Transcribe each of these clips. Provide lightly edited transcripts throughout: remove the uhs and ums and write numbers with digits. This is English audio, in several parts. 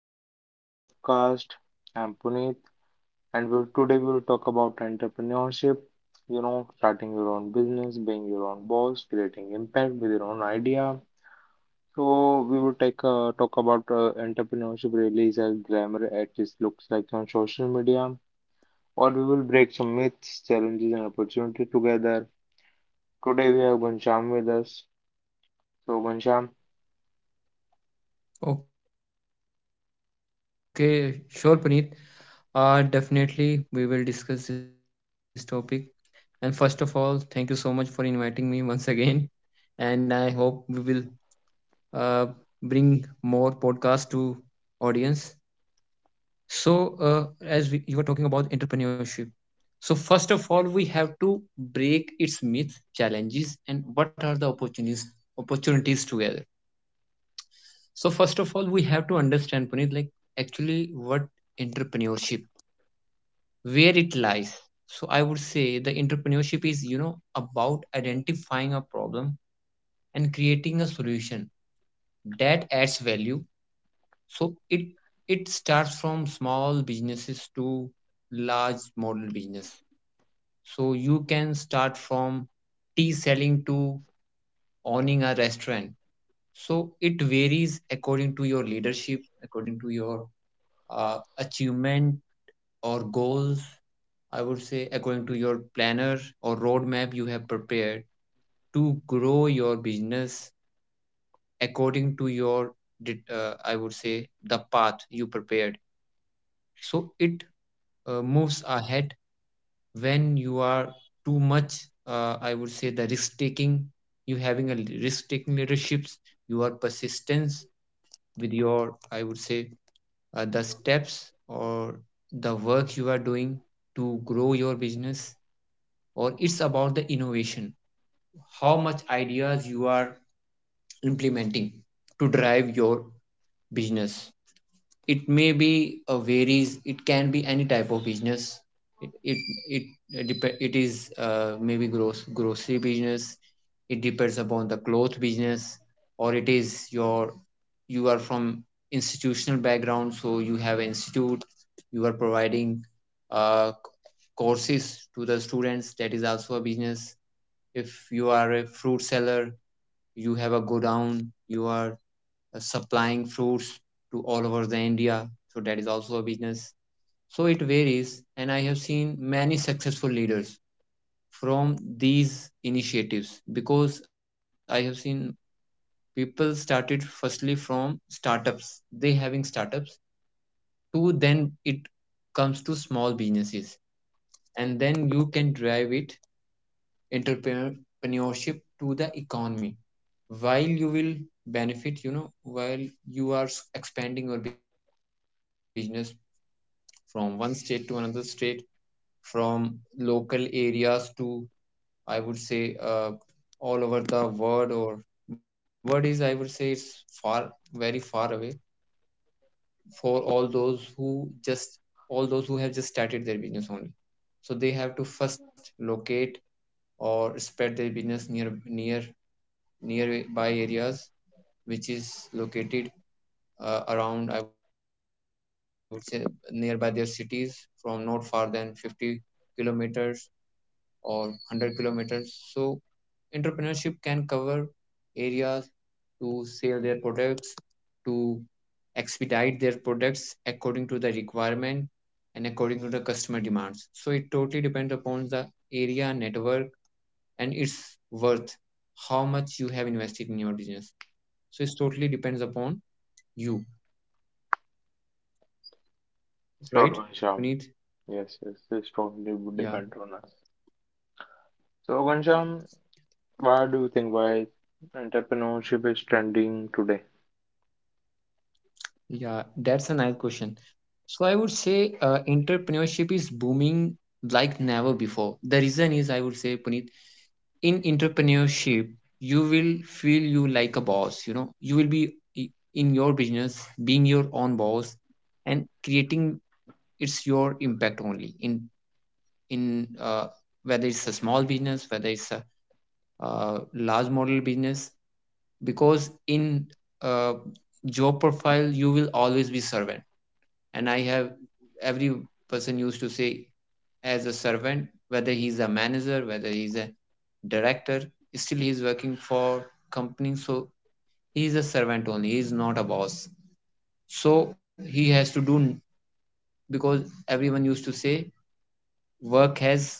welcome to the podcast. I'm Puneet, and today we'll talk about entrepreneurship. You know, starting your own business, being your own boss, creating impact with your own idea. So we will take talk about entrepreneurship really is as glamour as it looks like on social media, or we will break some myths, challenges, and opportunity together. Today we have Ghanshyam with us. So Ghanshyam, Okay, sure, Puneet. Definitely, we will discuss this topic. And first of all, thank you so much for inviting me once again. And I hope we will uh, bring more podcasts to audience. So, you were talking about entrepreneurship, so first of all, we have to break its myth, challenges, and what are the opportunities together. So, first of all, we have to understand, Puneet, like actually what entrepreneurship where it lies. So I would say the entrepreneurship is, you know, about identifying a problem and creating a solution that adds value. So it starts from small businesses to large model business. So you can start from tea selling to owning a restaurant. So it varies according to your leadership, according to your achievement or goals, I would say, according to your planner or roadmap you have prepared to grow your business, according to your, I would say, the path you prepared. So it moves ahead when you are too much, I would say, the risk taking, you having a risk taking leaderships, you are persistence with your, I would say, the steps or the work you are doing to grow your business, or it's about the innovation, how much ideas you are implementing to drive your business. It may be a varies, it can be any type of business. It it it, uh, it is maybe gross grocery business. It depends upon the cloth business, or it is your, you are from institutional background, so you have institute, you are providing uh, courses to the students, that is also a business. If you are a fruit seller, you have a godown, you are supplying fruits to all over the india. So that is also a business. So it varies, and I have seen many successful leaders from these initiatives, because I have seen people started firstly from startups, they having startups to, then it comes to small businesses, and then you can drive it, entrepreneurship, to the economy. While you will benefit, you know, while you are expanding your business from one state to another state, from local areas to, I would say, all over the world. Or what is, I would say, it's far, very far away for all those who just, all those who have just started their business only. So they have to first locate or spread their business near, near nearby areas which is located around, I would say, nearby their cities, from not far than 50 kilometers or 100 kilometers. So entrepreneurship can cover areas to sell their products, to expedite their products according to the requirement and according to the customer demands. So it totally depends upon the area, network, and its worth, how much you have invested in your business. So it totally depends upon you, sure right? Ghanshyam. Puneet? Yes, yes, this totally would depend Yeah, on us. So, Ghanshyam, why do you think why entrepreneurship is trending today? yeah, that's a nice question. So I would say entrepreneurship is booming like never before. The reason is, I would say, Puneet, in entrepreneurship, you will feel you like a boss, you know, you will be in your business, being your own boss, and creating, it's your impact only in, in uh, whether it's a small business, whether it's a large model business. Because in uh, job profile, you will always be servant. And I have, every person used to say, as a servant, whether he's a manager, whether he's a director, still he's working for company. So he's a servant only, he's not a boss. So he has to do, because everyone used to say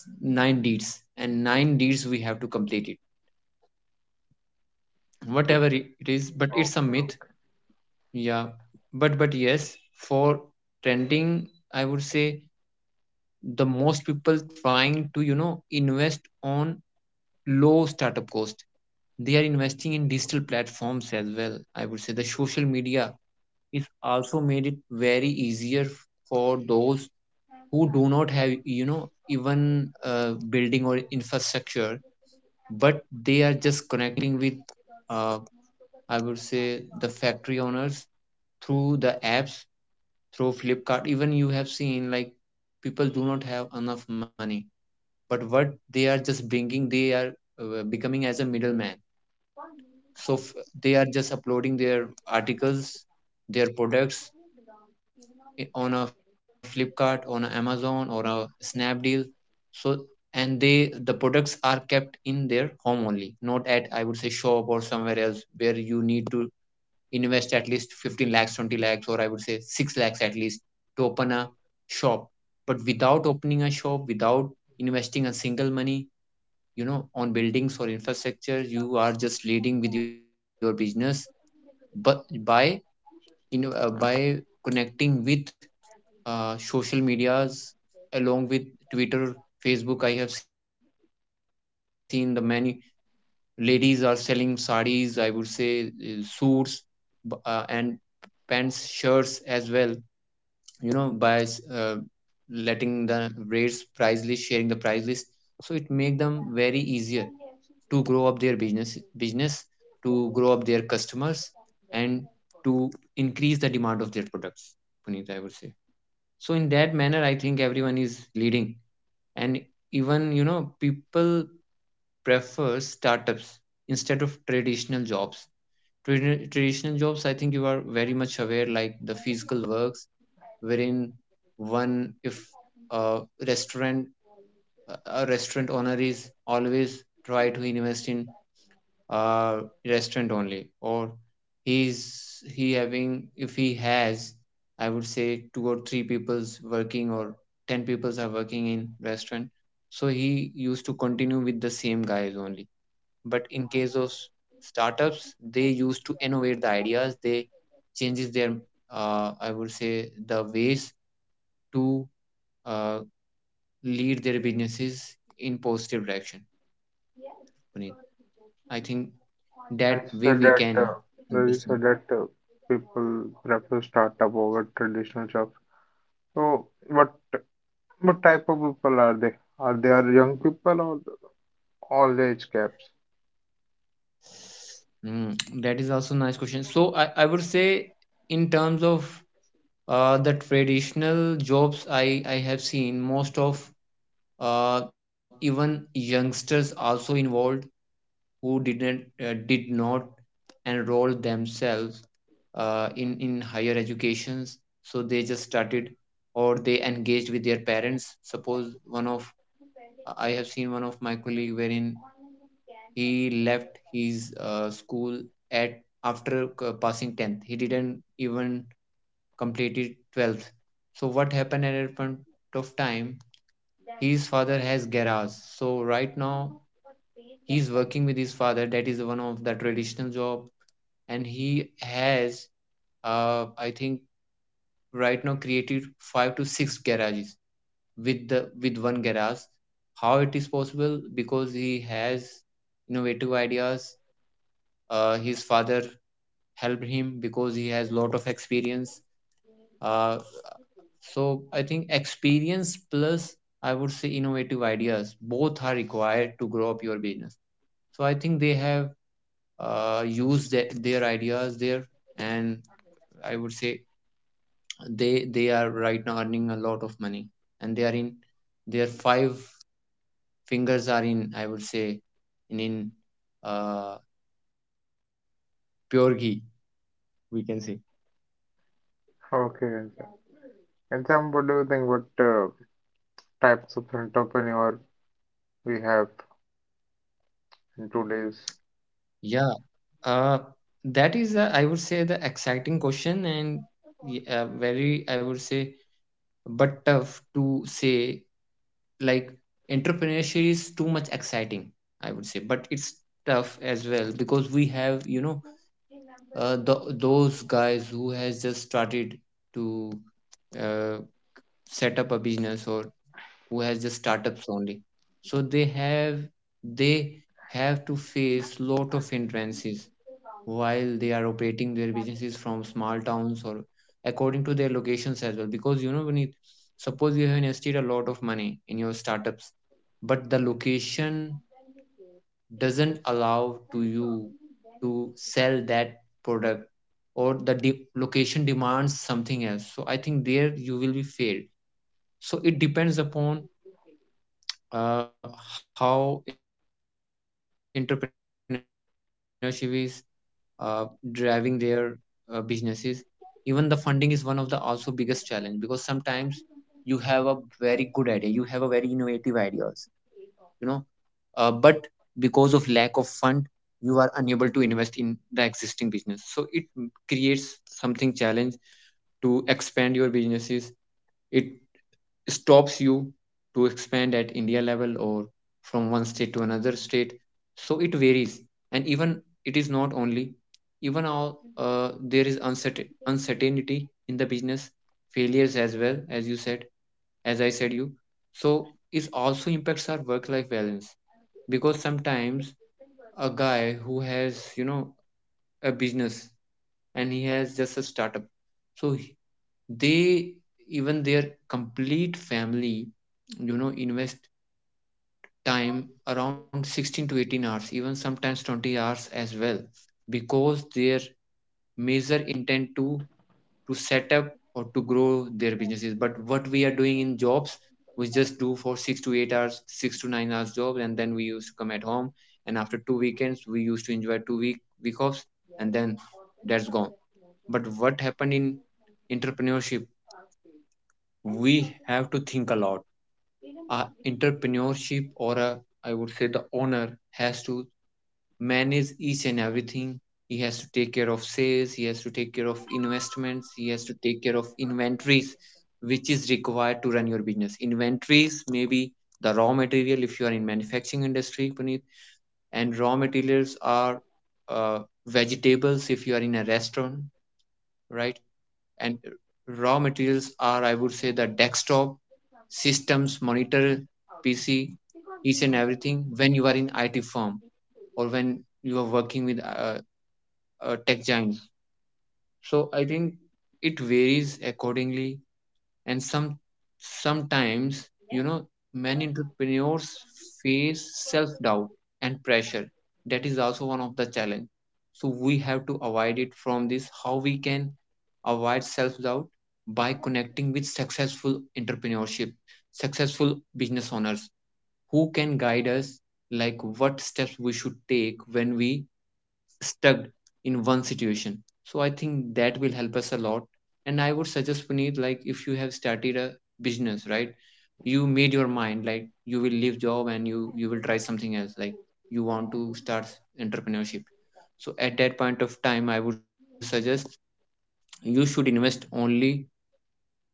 work has nine deeds, and nine deeds we have to complete it, whatever it Okay, is. okay. But it's a myth. Yeah. But yes, for trending, I would say, the most people trying to, you know, invest on low startup cost. They are investing in digital platforms as well. I would say the social media is also made it very easier for those who do not have, you know, even building or infrastructure, but they are just connecting with uh, I would say the factory owners, through the apps, through Flipkart. Even you have seen, like people do not have enough money, but what they are just bringing, they are becoming as a middleman. So f- they are just uploading their articles, their products on a Flipkart, on a Amazon, or a Snapdeal. So, and they, the products are kept in their home only, not at, I would say, shop or somewhere else, where you need to invest at least 15 lakhs 20 lakhs or, I would say, 6 lakhs at least to open a shop. But without opening a shop, without investing a single money, you know, on buildings or infrastructure, you are just leading with your business. But by, you know, by connecting with social medias, along with twitter, facebook, I have seen the many ladies are selling sarees, I would say, suits and pants shirts as well, you know, by uh, letting the rates price list, sharing the price list. So it make them very easier to grow up their business, to grow up their customers, and to increase the demand of their products, Puneet, I would say. So in that manner, I think everyone is leading. And even, you know, people prefer startups instead of traditional jobs. Traditional jobs, I think you are very much aware, like the physical works, wherein one, if a restaurant, a restaurant owner is always try to invest in uh, restaurant only, or he's he having, if he has, I would say, two or three people's working or ten people's are working in restaurant, so he used to continue with the same guys only. But in case of startups, they used to innovate the ideas, they changes their I would say the ways to uh, lead their businesses in positive direction, Puneet. I think I that way said we that can well, you understand. said that people prefer startup over traditional jobs. So, what type of people are they? Are they are young people or all age caps? Mm, that is also nice question. I would say, in terms of the traditional jobs, I have seen most of even youngsters also involved, who did not enroll themselves in higher educations. So they just started, or they engaged with their parents. Suppose one of, I have seen one of my colleague, wherein he left his school at after passing 10th, he didn't even completed 12th. So what happened at that point of time, his father has garage, so right now he's working with his father. That is one of the traditional job. And he has I think right now created five to six garages with the with one garage. How it is possible? Because he has innovative ideas. His father helped him because he has lot of experience. Uh, so I think experience plus, I would say, innovative ideas both are required to grow up your business. So I think they have used their ideas there, and I would say they are right now earning a lot of money, and they are in their five fingers are in, I would say, in uh, pure ghee, we can say. Okay, and Sam, what do you think? What uh, types of entrepreneur we have in today's? Yeah. uh, that is, I would say, the exciting question, and very, I would say, but tough to say. Like, entrepreneurship is too much exciting, I would say, but it's tough as well, because we have, you know, the those guys who has just started to uh, set up a business, or who has just startups only, so they have, they have to face lot of hindrances while they are operating their businesses from small towns or according to their locations as well. Because, you know, when it, suppose you have invested a lot of money in your startups, but the location doesn't allow to you to sell that product, or the location demands something else, so I think there you will be failed. So it depends upon uh, how entrepreneurship is uh, driving their businesses. Even the funding is one of the also biggest challenge, because sometimes you have a very good idea, you have a very innovative ideas, you know, but because of lack of fund, you are unable to invest in the existing business. So it creates something challenge to expand your businesses. It stops you to expand at India level, or from one state to another state. So it varies. And even, it is not only, even all, there is uncertainty in the business failures, as well as you said, as I said you. So it also impacts our work life balance because sometimes a guy who has a business and he has just a startup, so he- they, even their complete family, invest time around 16 to 18 hours, even sometimes 20 hours as well, because their major intent to set up or to grow their businesses. But what we are doing in jobs, we just do for 6 to 8 hours, 6 to 9 hours jobs, and then we used to come at home, and after 2 weekends we used to enjoy two week offs, and then that's gone. But what happened in entrepreneurship, we have to think a lot. A entrepreneurship or a, I would say the owner has to manage each and everything. He has to take care of sales, he has to take care of investments, he has to take care of inventories, which is required to run your business. Inventories may be the raw material if you are in manufacturing industry, Puneet, and raw materials are uh, vegetables if you are in a restaurant, right? And raw materials are, I would say, the desktop, systems, monitor, PC, each and everything when you are in IT firm, or when you are working with a tech giant. So I think it varies accordingly, and sometimes you know many entrepreneurs face self-doubt and pressure. That is also one of the challenge, so we have to avoid it. From this, how we can avoid self-doubt? By connecting with successful entrepreneurship, successful business owners who can guide us, like what steps we should take when we stuck in one situation. So I think that will help us a lot. And I would suggest, Puneet, like if you have started a business, right, you made your mind like you will leave job and you will try something else, like you want to start entrepreneurship. So at that point of time, I would suggest you should invest only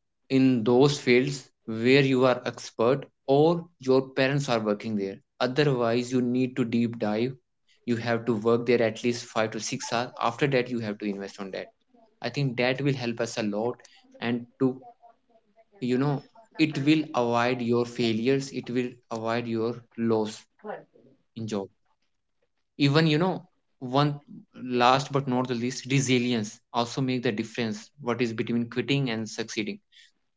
in those fields where you are expert or your parents are working there. Otherwise you need to deep dive, you have to work there at least 5 to 6 hours, after that you have to invest on that. I think that will help us a lot, and to, you know it will avoid your failures, it will avoid your loss in job. Even, one, last but not the least, resilience also make the difference what is between quitting and succeeding.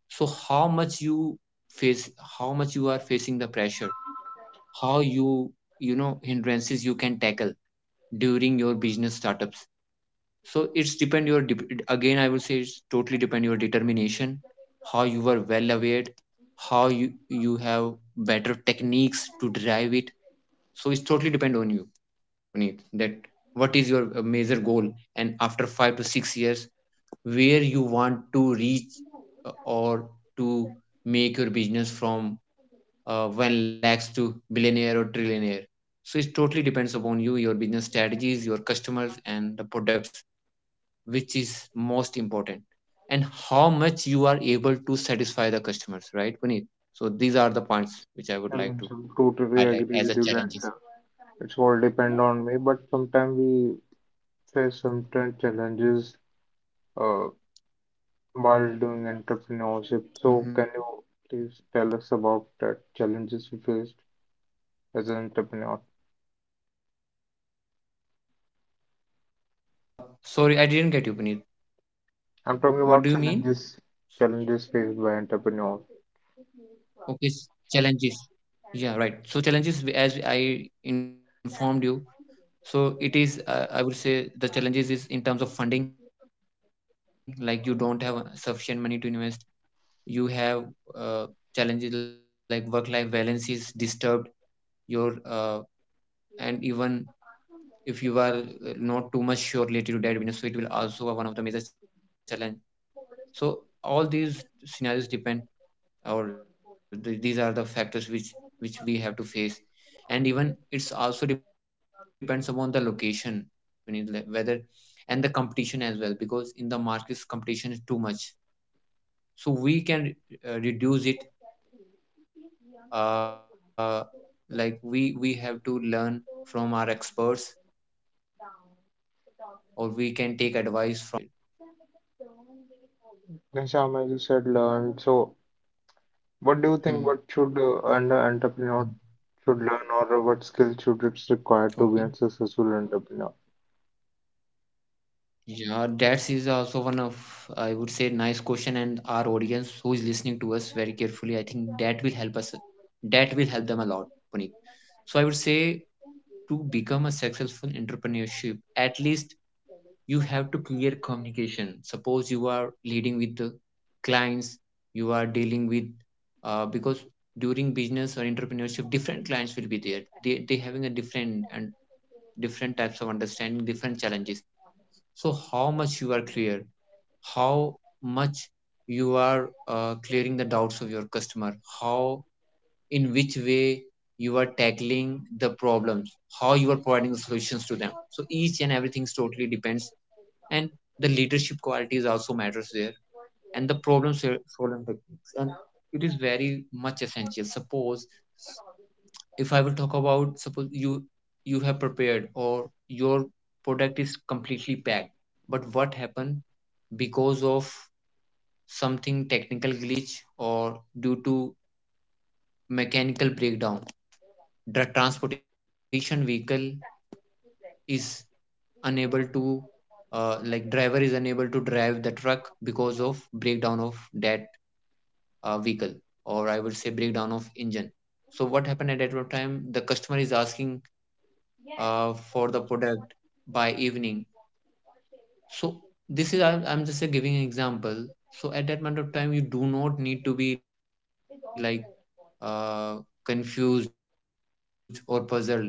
So how much you face, how much you are facing the pressure, how you, you know hindrances you can tackle during your business startups. So it's depend your again, I will say it's totally depend your determination, how you are well aware, how you have better techniques to drive it. So it's totally depend on you, Puneet, that what is your major goal, and after 5 to 6 years where you want to reach, or to make your business from 1 lakhs to billionaire or trillionaire. So it totally depends upon you, your business strategies, your customers, and the products, which is most important, and how much you are able to satisfy the customers, right, Puneet? So these are the points which I would like I to totally highlight agree as with a you that challenges. it's all depend on me, but sometimes we face sometimes challenges uh, while doing entrepreneurship. Mhm. So, can you please tell us about the challenges you faced as an entrepreneur? uh Sorry, I didn't get you, Puneet. What do you I'm mean? talking about challenges, challenges faced by entrepreneurs. Okay, challenges. Yeah, right. So challenges, as I informed you, so it is, I would say the challenges is in terms of funding, like you don't have sufficient money to invest. You have uh, challenges like work-life balance is disturbed, your and even if you are not too much sure related to debt business, so it will also be one of the major challenge. So all these scenarios depend. Or the, these are the factors which we have to face. And even it's also depends upon the location, when you whether, and the competition as well, because in the markets competition is too much. So we can reduce it, uh, like we have to learn from our experts, or we can take advice from counselors as well, all those who have already succeeded in that field. Then, Shyam, Right, as you said, learn. is it So, you are asking? what do you think? What should an entrepreneur Mhm. should learn, or what skill should it's required to be Okay. a successful entrepreneur? Yeah, that is also one of, I would say, nice question. And our audience who is listening to us very carefully, I think that will help us. That will help them a lot, Puneet. So I would say to become a successful entrepreneurship, at least you have to clear communication. Suppose you are leading with the clients, you are dealing with, because during business or entrepreneurship, different clients will be there. They having a different and different types of understanding, different challenges. So how much you are clear, how much you are clearing the doubts of your customer, how, in which way, you are tackling the problems, how you are providing the solutions to them. So each and everything totally depends. And the leadership qualities also matters there, and the problem solving techniques. And it is very much essential. Suppose if I will talk about, suppose you have prepared, or your product is completely packed, but what happened because of something technical glitch or due to mechanical breakdown, the transportation vehicle is unable to, like driver is unable to drive the truck because of breakdown of that vehicle, or I would say breakdown of engine. So what happened at that time? The customer is asking for the product by evening. So this is, I'm just giving an example. So at that moment of time, you do not need to be like, uh, confused or puzzled, like how it's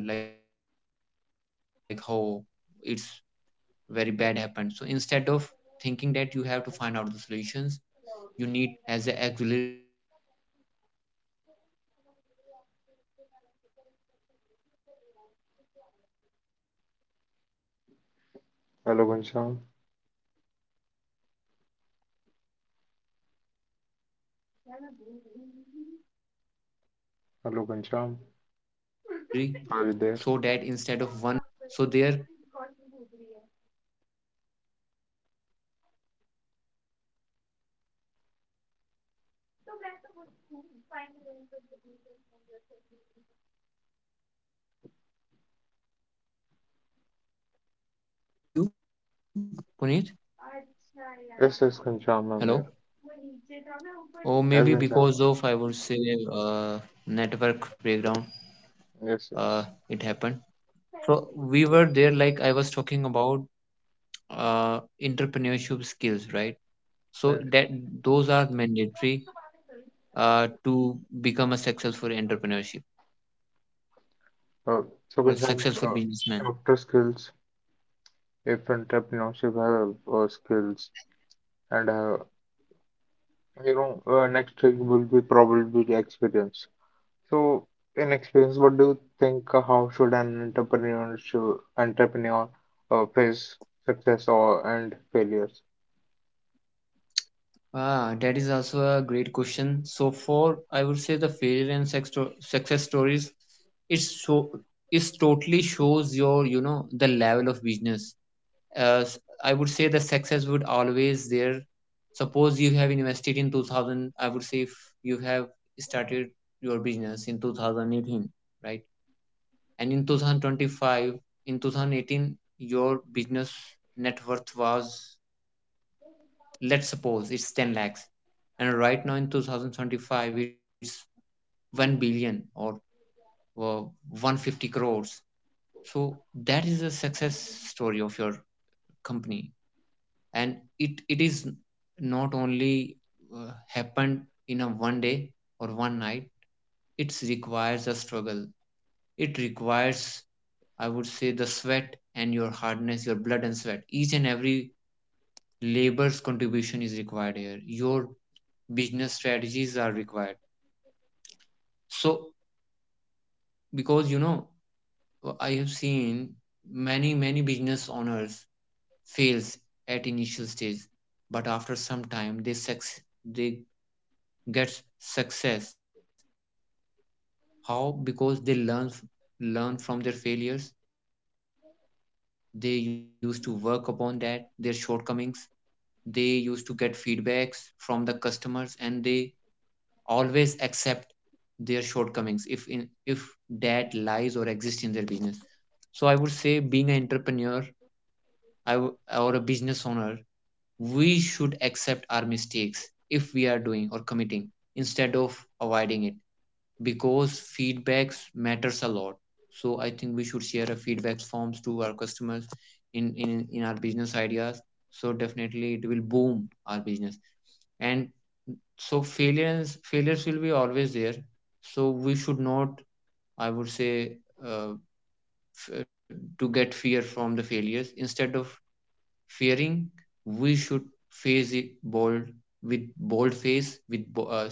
very bad happened. So instead of thinking that, you have to find out the solutions. You need to keep a extra truck as an auxiliary, so that instead of one failure of, or engine breakdown of one truck, you can send the secondary one. So there, you will load all the Hello, products in the Ghanshyam. second truck, and it can be. I'm audible. I'm audible. Hello, Ghanshyam. Are you there? Oh, I'm audible to you, Puneet? अच्छा यार, yes, yes, Ganjam, Hello? Amir. Or As Ganjam. Yes, maybe ऊपर था। because Ganjama. of, I would say, uh, network breakdown, Yes. uh, Yes. it happened. So we were Yeah, there, like I was talking about uh, entrepreneurship skills, right? So Amir. that, those are mandatory to become a successful entrepreneurship Uh, so or Ganjam, successful businessman. doctor skills, if entrepreneurship have skills, and you know, next thing will be probably the experience. So, in experience, what do you think? Uh, how should entrepreneur face success or and failures? Ah, that is also a great question. So for, I would say, the failure and success stories, it's so it's totally shows your, the level of business. I would say the success would always there. Suppose you have invested in 2000. I would say if you have started your business in 2018, right? And in 2025, in 2018, your business net worth was, let's suppose, it's 10 lakhs, and right now in 2025 it's 1 billion or uh, 150 crores. So that is a success story of your company, and it is not only happened in a one day or one night. It requires a struggle, it requires, I would say, the sweat and your hardness, your blood and sweat. Each and every labor's contribution is required here, your business strategies are required. So, because I have seen many many business owners fails at initial stage, but after some time they they get success. How? Because they learn learn from their failures. They used to work upon that, their shortcomings. They used to get feedbacks from the customers, and they always accept their shortcomings, if in if that lies or exists in their business. So I would say, being an entrepreneur, I w- or a business owner, we should accept our mistakes if we are doing or committing, instead of avoiding it, because feedbacks matters a lot. So I think we should share a feedback forms to our customers in our business ideas. So definitely it will boom our business. And so failures will be always there. So we should not, I would say, uh, f- uh, to get fear from the failures. Instead of fearing, we should face it bold, with bold face,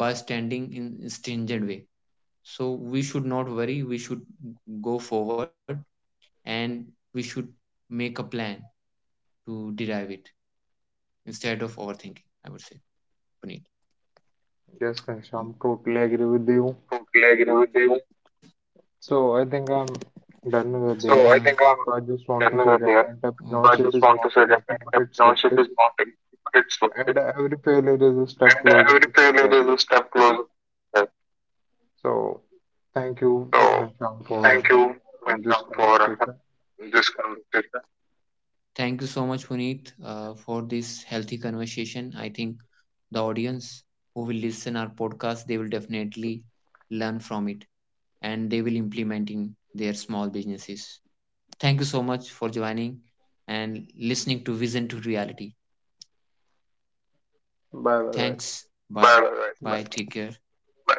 by standing in stringent way. So we should not worry, we should go forward, and we should make a plan to derive it, instead of overthinking, I would say, Puneet. Yes, Ganjam, totally agree with you. Totally agree with you. So I think I'm done with So there. I think I'm So I just want done to say over that there. So I, Okay, entrepreneurship just is want to not say that easy, but it's worth entrepreneurship is it. not easy, but it's worth it. And every failure is a step And closer every to failure success. is a step closer to success. So thank you, So, Ghanshyam, yeah, for thank you, having this Vietnam, for conversation. this conversation. Thank you so much, Puneet, for this healthy conversation. I think the audience who will listen our podcast, they will definitely learn from it, and they will implement in their small businesses. Thank you so much for joining and listening to Vision to Reality. Bye bye guys. Thanks. Bye. Bye. Bye. Bye. Bye. Take care. Bye.